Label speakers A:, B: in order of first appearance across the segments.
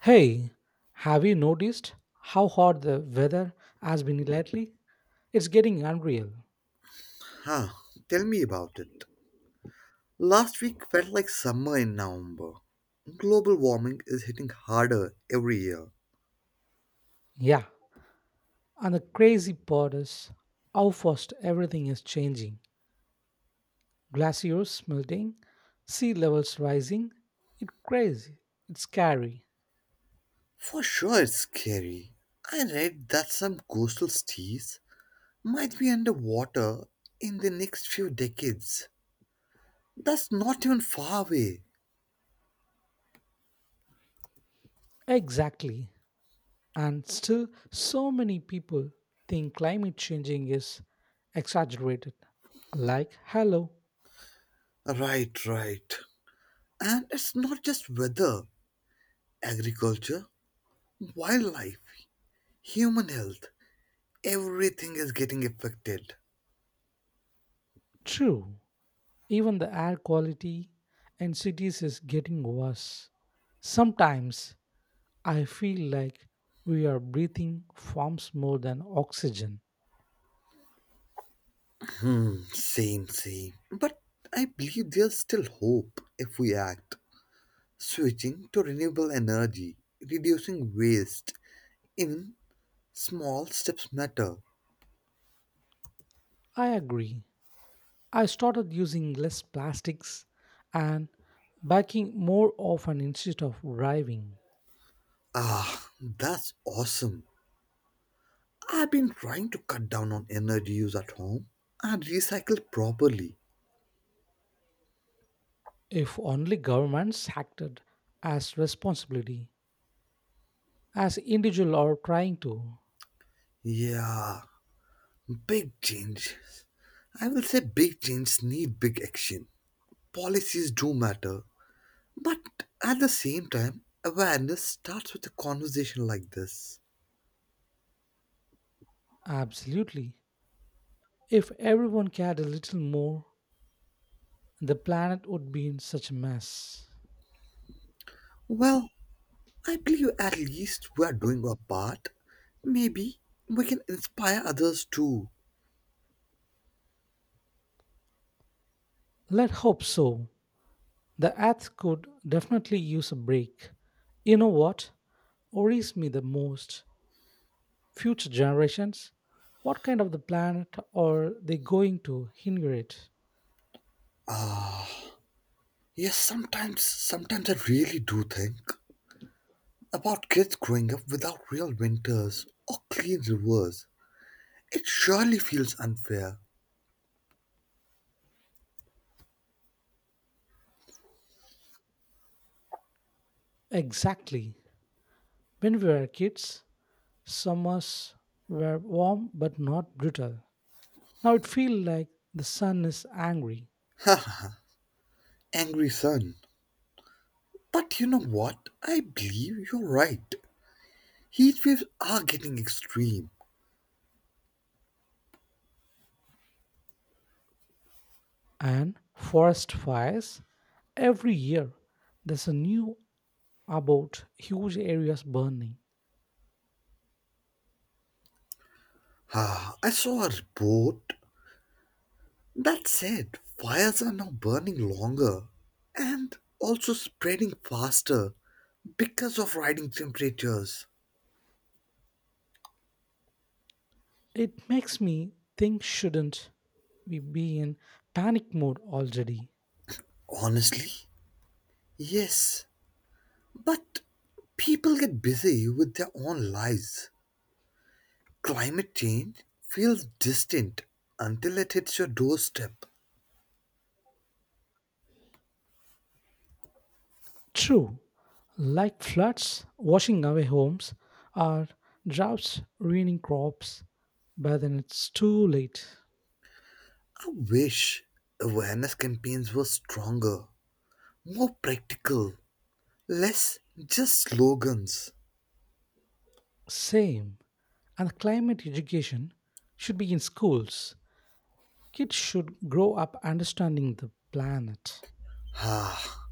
A: Hey, have you noticed how hot the weather has been lately? It's getting unreal.
B: Huh, tell me about it. Last week felt like summer in November. Global warming is hitting harder every year.
A: Yeah, and the crazy part is how fast everything is changing. Glaciers melting, sea levels rising. It's crazy. It's scary.
B: For sure, it's scary. I read that some coastal cities might be underwater in the next few decades. That's not even far away.
A: Exactly. And still, so many people think climate changing is exaggerated. Like, hello,
B: Right, right. And it's not just weather, agriculture, wildlife, human health. Everything is getting affected.
A: true. Even the air quality in cities is getting worse. Sometimes I feel like we are breathing forms more than oxygen.
B: Hmm, same, same. But I believe there's still hope if we act. Switching to renewable energy, reducing waste, even small steps matter.
A: I agree. I started using less plastics and biking more often instead of driving.
B: Ah, that's awesome. I've been trying to cut down on energy use at home and recycle properly.
A: If only governments acted as responsibility, as individual are trying to.
B: Yeah, big change. I will say big change need big action. Policies do matter, but at the same time, awareness starts with a conversation like this.
A: Absolutely. If everyone cared a little more, the planet would be in such a mess.
B: Well, I believe at least we are doing our part. Maybe we can inspire others too.
A: Let's hope so. The earth could definitely use a break. You know what worries me the most? Future generations? What kind of the planet are they going to inherit?
B: Yes, sometimes I really do think about kids growing up without real winters or clean rivers. It surely feels unfair.
A: Exactly. When we were kids, summers were warm but not brutal. Now it feels like the sun is angry.
B: Haha, angry son. But you know what? I believe you're right. Heat waves are getting extreme.
A: And forest fires? Every year, there's a new about huge areas burning.
B: Ah, I saw a report that said, fires are now burning longer and also spreading faster because of rising temperatures.
A: It makes me think, shouldn't we be in panic mode already?
B: Honestly, yes, but people get busy with their own lives. Climate change feels distant until it hits your doorstep.
A: True, like floods washing away homes or droughts ruining crops, but then it's too late.
B: I wish awareness campaigns were stronger, more practical, less just slogans.
A: Same, and the climate education should be in schools. Kids should grow up understanding the planet.
B: Ah,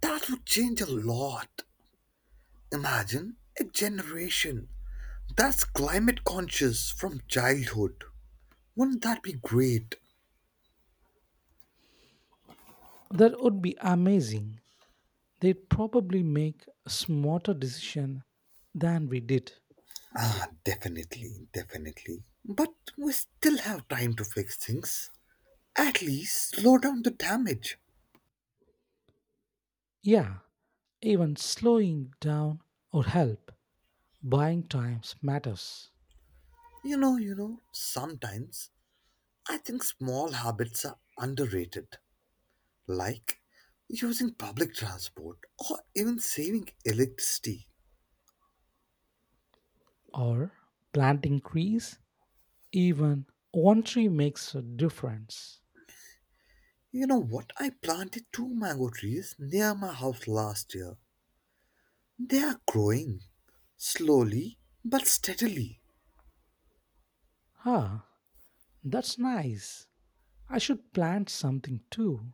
B: that would change a lot. Imagine a generation that's climate conscious from childhood. Wouldn't that be great?
A: That would be amazing. They'd probably make a smarter decision than we did.
B: Ah, definitely, definitely. But we still have time to fix things. At least slow down the damage.
A: Yeah, even slowing down would help. Buying times matters.
B: Sometimes I think small habits are underrated, like using public transport or even saving electricity.
A: Or planting trees, even one tree makes a difference.
B: You know what? I planted two mango trees near my house last year. They are growing slowly but steadily.
A: Ah, that's nice. I should plant something too.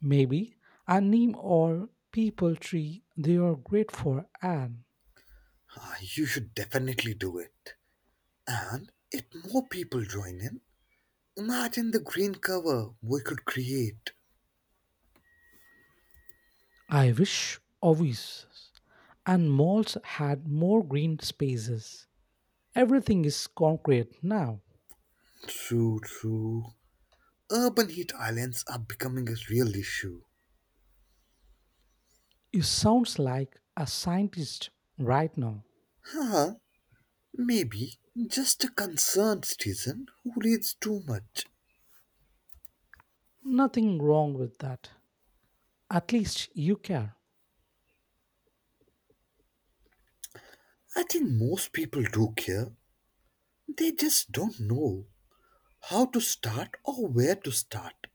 A: Maybe a neem or people tree. They are great for an.
B: Ah, you should definitely do it. And if more people join in, imagine the green cover we could create.
A: I wish offices and malls had more green spaces. Everything is concrete now.
B: True, true. Urban heat islands are becoming a real issue.
A: You sounds like a scientist right now.
B: Huh? Maybe just a concerned citizen who reads too much.
A: Nothing wrong with that. At least you care.
B: I think most people do care. They just don't know how to start or where to start.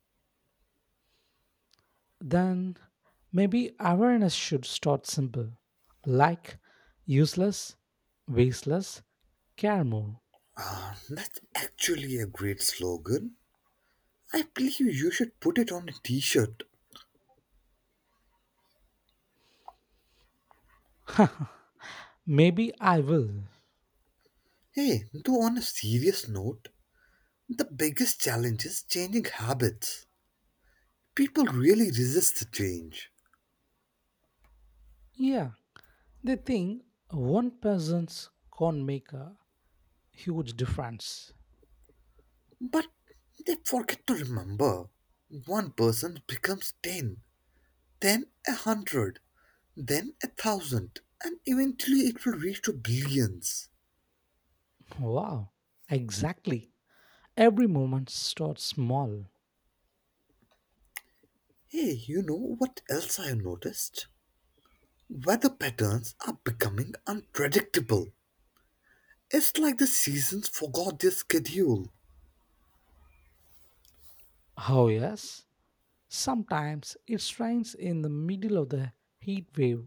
A: Then maybe awareness should start simple. Like useless, wasteless, care more.
B: That's actually a great slogan. I believe you should put it on a t shirt.
A: Maybe I will.
B: Hey, though, on a serious note, the biggest challenge is changing habits. People really resist the change,
A: Yeah, they think one person's can make a huge difference.
B: but they forget to remember. One person becomes 10, then a hundred, then a thousand, and eventually it will reach to billions.
A: Wow, exactly. Every moment starts small.
B: Hey, you know what else I have noticed? Weather patterns are becoming unpredictable. It's like the seasons forgot their schedule,
A: Oh, yes. Sometimes it rains in the middle of the heat wave.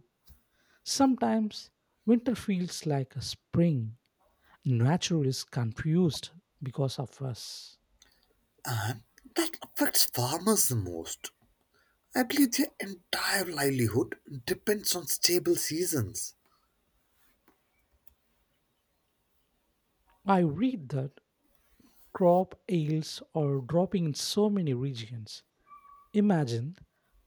A: Sometimes winter feels like a spring. Nature is confused because of us.
B: and that affects farmers the most. I believe their entire livelihood depends on stable seasons.
A: I read that crop yields are dropping in so many regions. Imagine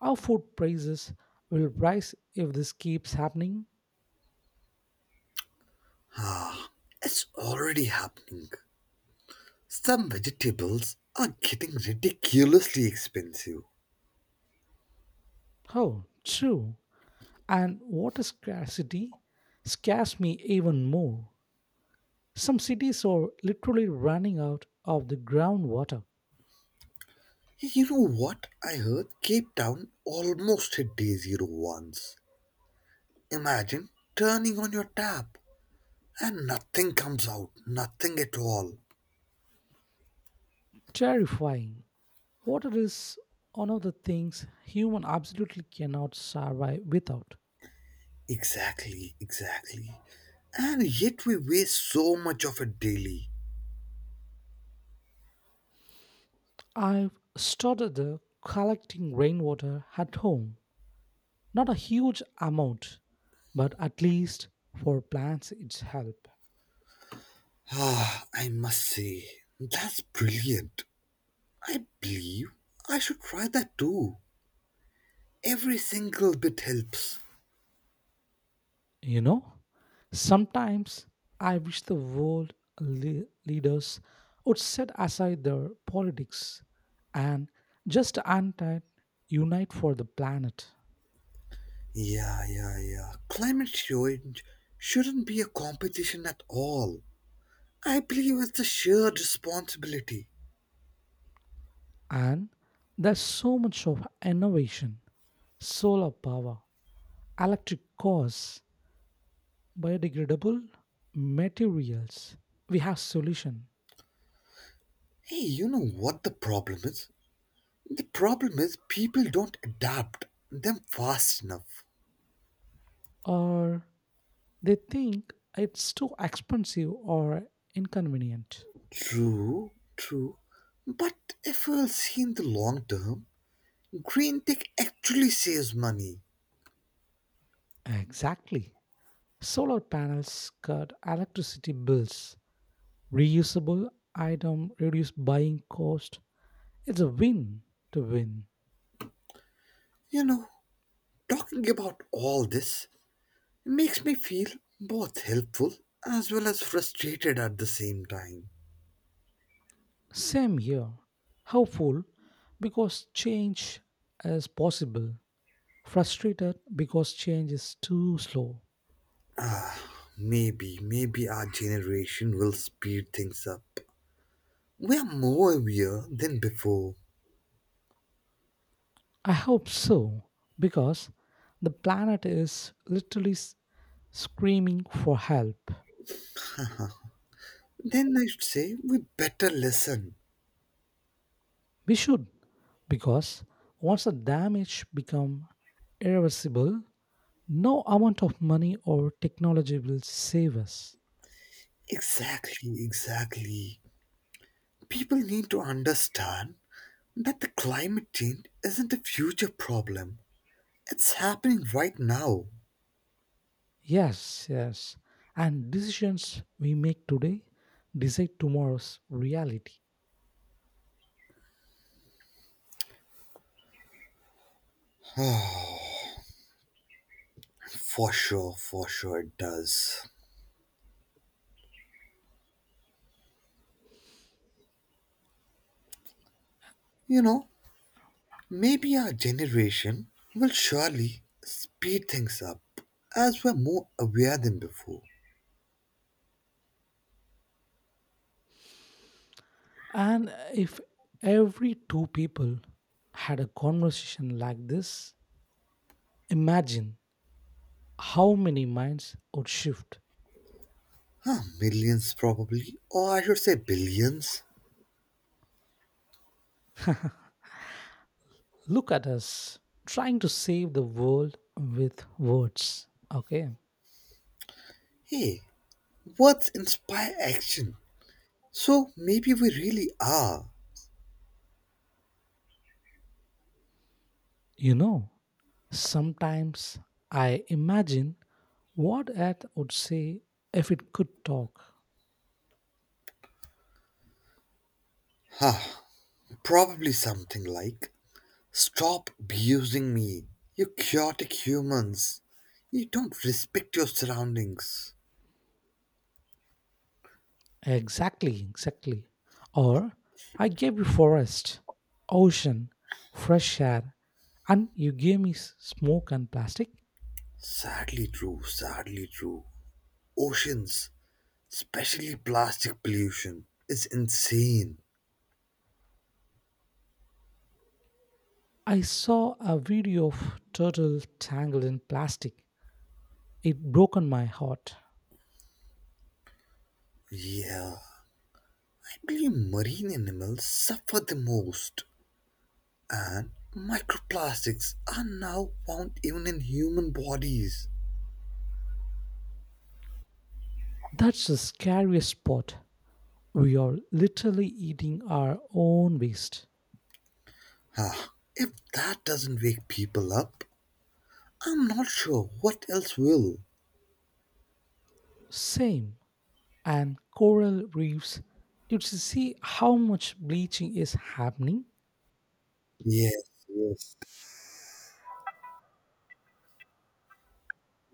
A: how food prices will rise if this keeps happening.
B: It's already happening. Some vegetables are getting ridiculously expensive.
A: Oh, true. And water scarcity scares me even more. Some cities are literally running out of the groundwater.
B: You know what? I heard Cape Town almost hit day zero once. Imagine turning on your tap and nothing comes out, nothing at all.
A: Terrifying. Water is one of the things human absolutely cannot survive without.
B: Exactly, exactly. And yet we waste so much of it daily.
A: I've started collecting rainwater at home. Not a huge amount, but at least for plants it's help.
B: Ah, I must say, that's brilliant. I believe I should try that too. Every single bit helps.
A: You know, sometimes I wish the world leaders would set aside their politics and just unite for the planet.
B: Yeah, yeah, yeah. Climate change shouldn't be a competition at all. I believe it's a shared responsibility.
A: And there's so much of innovation, solar power, electric cars, biodegradable materials. We have solution,
B: Hey, you know what the problem is? The problem is people don't adapt them fast enough.
A: or they think it's too expensive or inconvenient.
B: True, true. But if we'll see in the long term, green tech actually saves money.
A: Exactly. Solar panels cut electricity bills, reusable item, reduce buying cost. It's a win to win.
B: You know, talking about all this makes me feel both helpful as well as frustrated at the same time.
A: Same here. Hopeful because change is possible. Frustrated because change is too slow.
B: Maybe, maybe our generation will speed things up. We are more aware than before.
A: I hope so because the planet is literally screaming for help.
B: Then I should say we better listen.
A: We should, because once the damage become irreversible, no amount of money or technology will save us.
B: Exactly, exactly. People need to understand that the climate change isn't a future problem. It's happening right now.
A: Yes, yes. And decisions we make today decide tomorrow's reality.
B: For sure it does. You know, maybe our generation will surely speed things up as we're more aware than before.
A: And if every two people had a conversation like this, imagine how many minds would shift.
B: Huh, millions probably, or I should say billions.
A: Look at us trying to save the world with words. Okay,
B: Hey, words inspire action. So maybe we really are.
A: you know. Sometimes I imagine what Earth would say if it could talk.
B: Huh, probably something like stop abusing me, you chaotic humans. You don't respect your surroundings.
A: Exactly, exactly. Or I gave you forest, ocean, fresh air, and you gave me smoke and plastic.
B: Sadly true, sadly true. Oceans, especially plastic pollution, is insane.
A: I saw a video of turtle tangled in plastic. It broken my heart.
B: Yeah, I believe marine animals suffer the most, and microplastics are now found even in human bodies.
A: That's the scariest part. We are literally eating our own waste.
B: Ah, if that doesn't wake people up, I'm not sure what else will.
A: Same. And coral reefs, you should see how much bleaching is happening.
B: Yes, yes.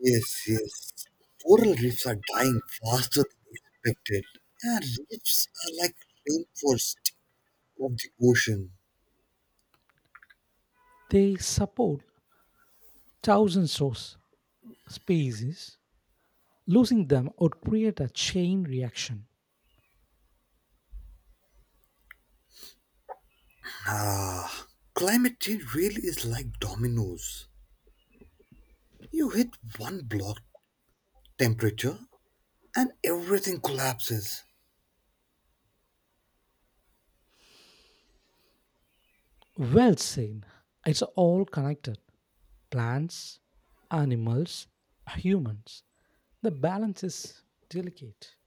B: Yes, yes. Coral reefs are dying faster than expected. Yeah, reefs are like rainforest of the ocean.
A: They support thousands of species. Losing them would create a chain reaction.
B: Ah, climate change really is like dominoes. You hit one block temperature and everything collapses.
A: Well seen. It's all connected. Plants, animals, humans. The balance is delicate.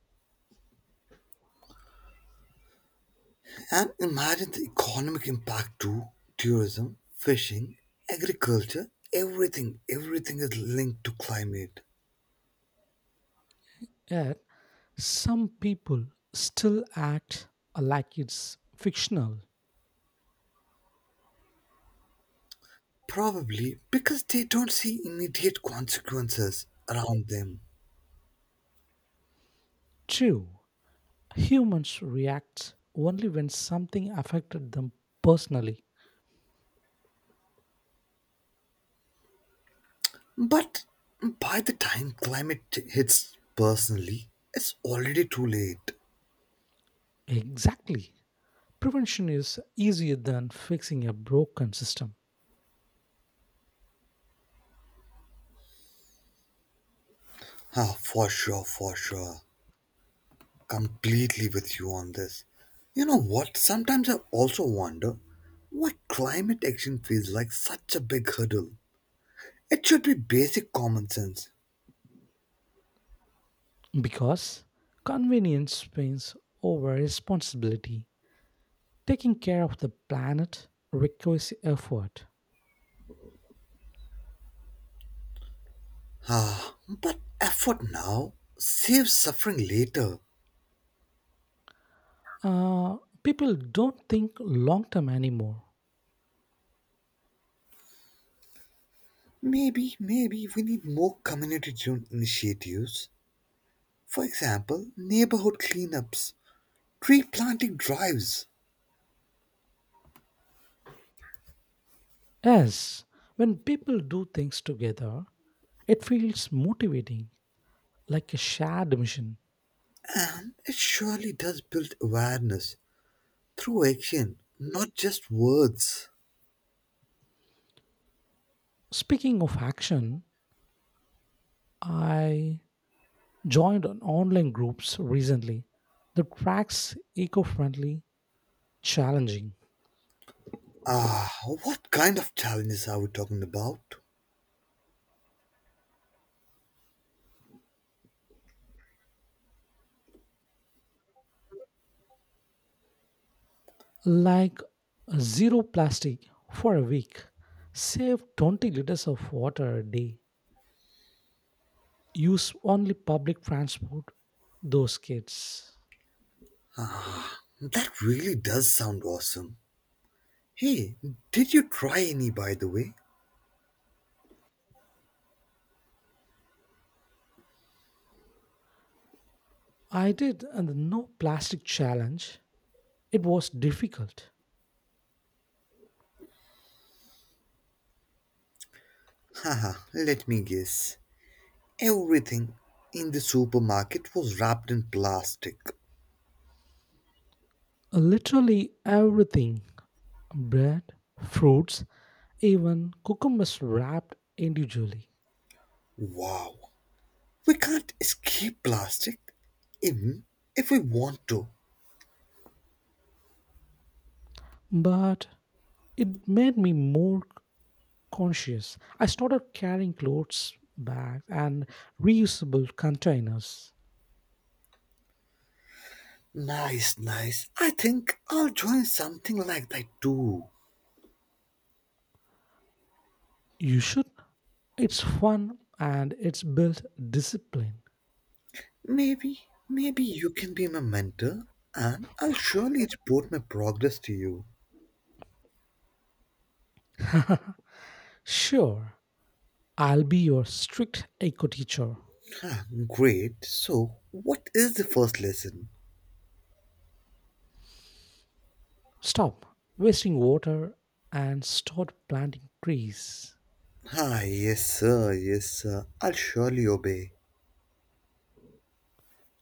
B: And imagine the economic impact too. Tourism, fishing, agriculture, everything, everything is linked to climate.
A: Yet some people still act like it's fictional.
B: Probably because they don't see immediate consequences around them.
A: True. Humans react only when something affected them personally.
B: But by the time climate hits personally, it's already too late.
A: Exactly. Prevention is easier than fixing a broken system,
B: Ah, for sure, for sure. Completely with you on this. You know what? Sometimes I also wonder what climate action feels like such a big hurdle. It should be basic common sense.
A: because convenience wins over responsibility. Taking care of the planet requires effort.
B: Ah, but effort now saves suffering later.
A: Uh, People don't think long term anymore.
B: Maybe, maybe we need more community driven initiatives. For example, neighborhood cleanups, tree planting drives.
A: Yes, when people do things together, it feels motivating, like a shared mission.
B: And it surely does build awareness through action, not just words.
A: Speaking of action, I joined an online groups recently that tracks eco-friendly challenging,
B: Ah, what kind of challenges are we talking about?
A: like zero plastic for a week. Save 20 liters of water a day. Use only public transport. Those kids.
B: That really does sound awesome. Hey, did you try any by the way?
A: I did and the no plastic challenge. It was difficult.
B: Haha, let me guess. Everything in the supermarket was wrapped in plastic.
A: Literally everything, bread, fruits, even cucumbers wrapped individually.
B: Wow, we can't escape plastic, even if we want to.
A: But it made me more conscious. I started carrying clothes, bags, and reusable containers.
B: Nice, nice. I think I'll join something like that too.
A: You should. It's fun and it's built discipline.
B: Maybe, maybe you can be my mentor and I'll surely report my progress to you.
A: Sure, I'll be your strict eco teacher.
B: Ah, great. So, what is the first lesson?
A: Stop wasting water and start planting trees.
B: Ah, yes, sir, yes, sir. I'll surely obey.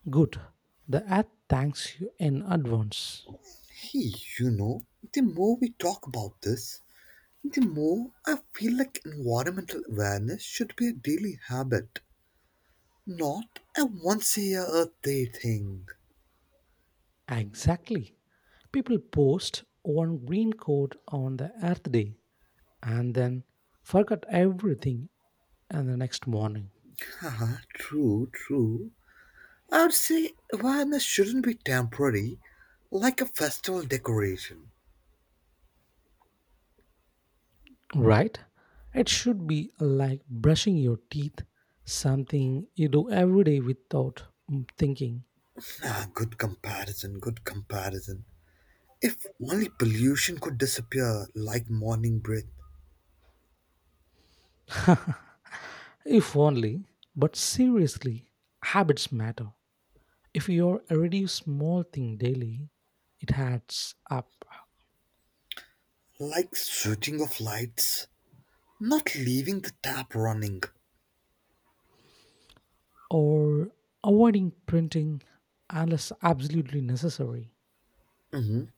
A: Good. The earth thanks you in advance.
B: Hey, you know, the more we talk about this, the more I feel like environmental awareness should be a daily habit. Not a once a year Earth Day thing.
A: Exactly. People post one green code on the Earth Day and then forgot everything and the next morning.
B: Haha, true, true. I would say awareness shouldn't be temporary, like a festival decoration.
A: Right. It should be like brushing your teeth, something you do every day without thinking.
B: Ah, good comparison, good comparison. If only pollution could disappear like morning breath,
A: If only, but seriously, habits matter. If you're already small thing daily, it adds up.
B: like switching of lights, not leaving the tap running.
A: Or avoiding printing unless absolutely necessary.
B: Mhm.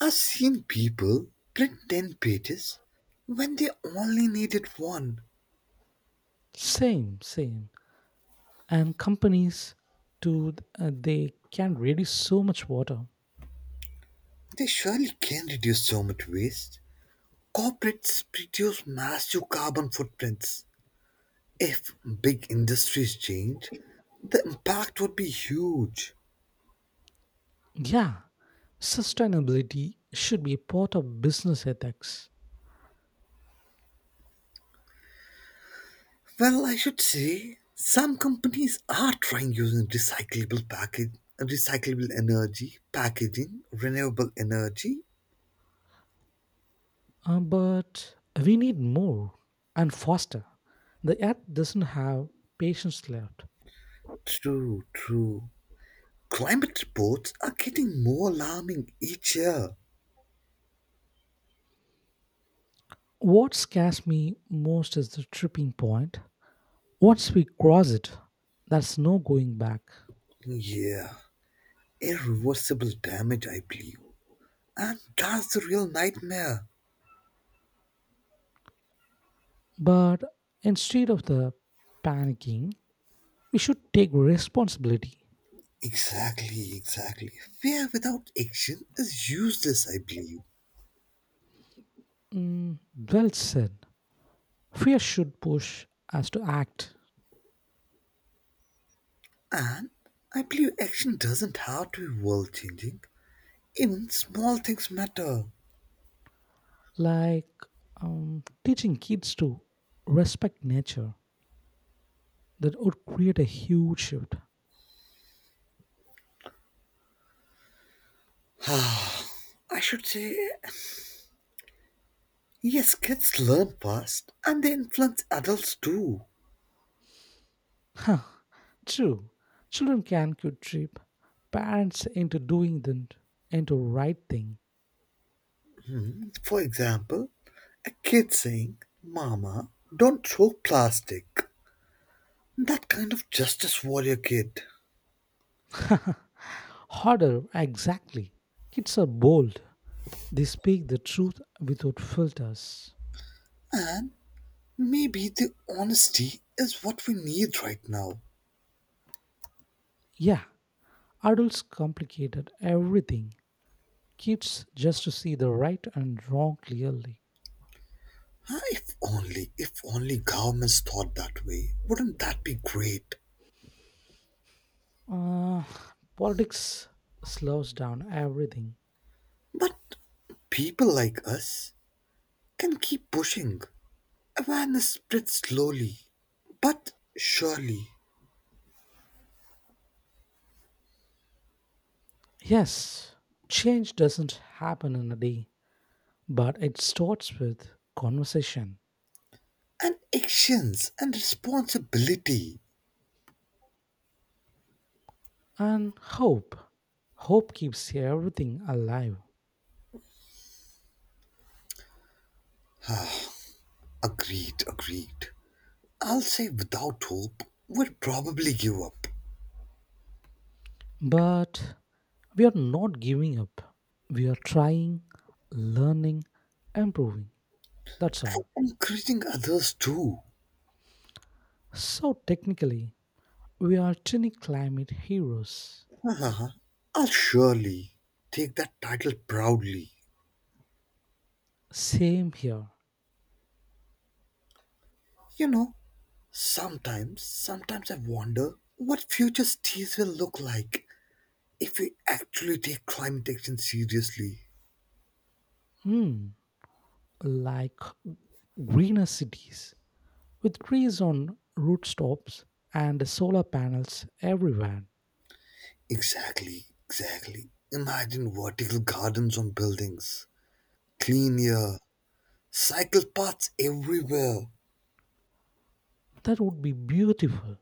B: I've seen people print 10 pages when they only needed one.
A: Same, same. And companies to they can reduce so much water.
B: They surely can reduce so much waste. Corporates produce massive carbon footprints. If big industries change, the impact would be huge.
A: Yeah, sustainability should be part of business ethics.
B: Well, I should say some companies are trying using recyclable package, recyclable energy, packaging, renewable energy.
A: But we need more and faster. The earth doesn't have patience left.
B: True, true. Climate reports are getting more alarming each year.
A: What scares me most is the tripping point. Once we cross it, there's no going back.
B: Yeah, irreversible damage, I believe. And that's the real nightmare.
A: But instead of the panicking, we should take responsibility.
B: Exactly, exactly. Fear without action is useless, I believe.
A: Mm, well said. Fear should push us to act,
B: And I believe action doesn't have to be world changing. Even small things matter.
A: like teaching kids to respect nature. That would create a huge shift.
B: I should say, yes, kids learn fast and they influence adults too.
A: True, children can could trip parents into doing the into right thing.
B: For example, a kid saying, Mama, don't throw plastic. That kind of justice warrior kid.
A: Harder, exactly. Kids are bold. They speak the truth without filters.
B: And maybe the honesty is what we need right now.
A: Yeah, adults complicated everything. Kids just to see the right and wrong clearly.
B: Ah, if only, if only governments thought that way, wouldn't that be great?
A: Uh, Politics slows down everything.
B: But people like us can keep pushing. Awareness spreads slowly, but surely.
A: Yes, change doesn't happen in a day, but it starts with conversation
B: And actions and responsibility.
A: and hope. Hope keeps everything alive.
B: Agreed, agreed. I'll say without hope, we'll probably give up.
A: But we are not giving up. We are trying, learning, improving. That's all.
B: And encouraging others too.
A: So, technically, we are tiny climate heroes.
B: I'll surely take that title proudly.
A: Same here.
B: You know, sometimes I wonder what future cities will look like if we actually take climate action seriously.
A: Hmm. Like greener cities with trees on rooftops and solar panels everywhere,
B: Exactly, exactly. Imagine vertical gardens on buildings, clean air, cycle paths everywhere,
A: that would be beautiful.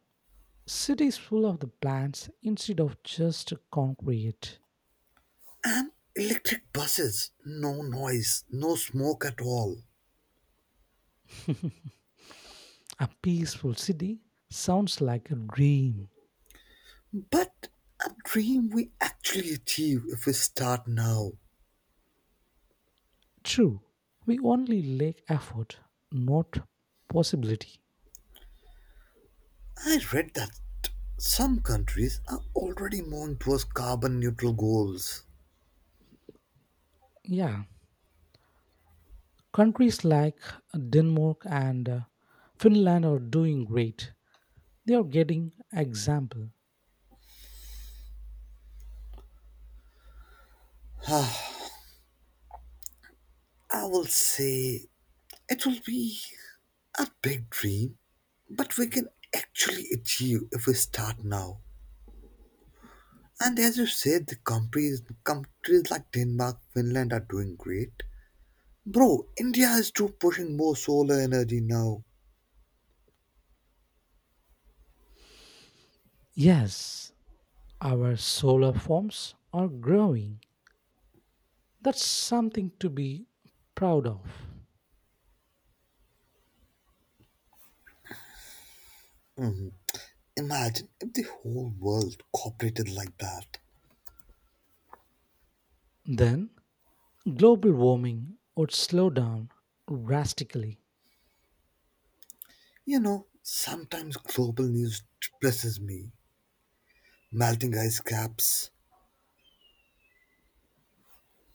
A: Cities full of the plants instead of just concrete.
B: and electric buses. No noise, no smoke at all.
A: A peaceful city sounds like a dream.
B: But a dream we actually achieve if we start now.
A: True, we only lack effort, not possibility.
B: I read that some countries are already moving towards carbon neutral goals.
A: Yeah, countries like Denmark and Finland are doing great. They are getting example.
B: I will say it will be a big dream, but we can actually achieve if we start now. And as you said, the countries like Denmark, Finland are doing great. Bro, India is too pushing more solar energy now.
A: Yes, our solar forms are growing. That's something to be proud of.
B: Mhm. Imagine if the whole world cooperated like that.
A: Then, global warming would slow down drastically.
B: You know, sometimes global news depresses me. Melting ice caps,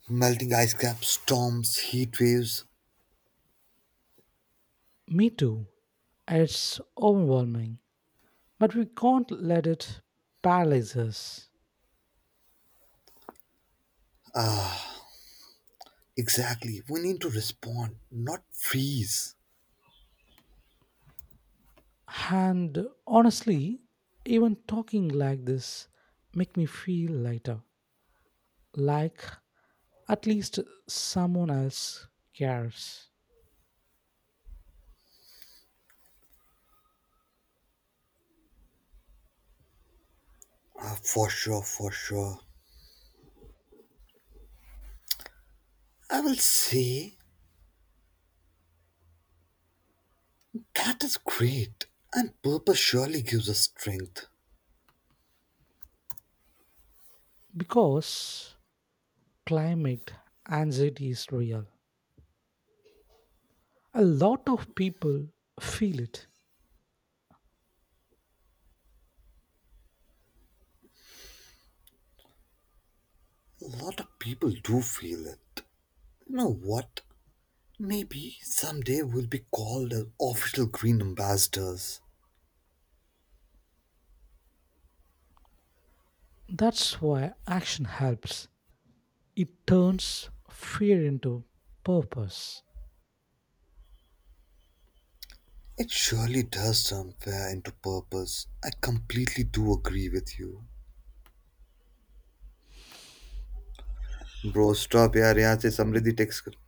B: storms, heat waves.
A: Me too. It's overwhelming, but we can't let it paralyze us.
B: Exactly. We need to respond, not freeze.
A: And honestly, even talking like this make me feel lighter. Like at least someone else cares.
B: Ah, for sure, for sure. I will say that is great. And purpose surely gives us strength.
A: Because climate anxiety is real. A lot of people feel it.
B: A lot of people do feel it. You know what? Maybe someday we'll be called as official green ambassadors.
A: That's why action helps. It turns fear into purpose.
B: It surely does turn fair into purpose. I completely do agree with you. Bro stop यार यहाँ से समृद्धि text कर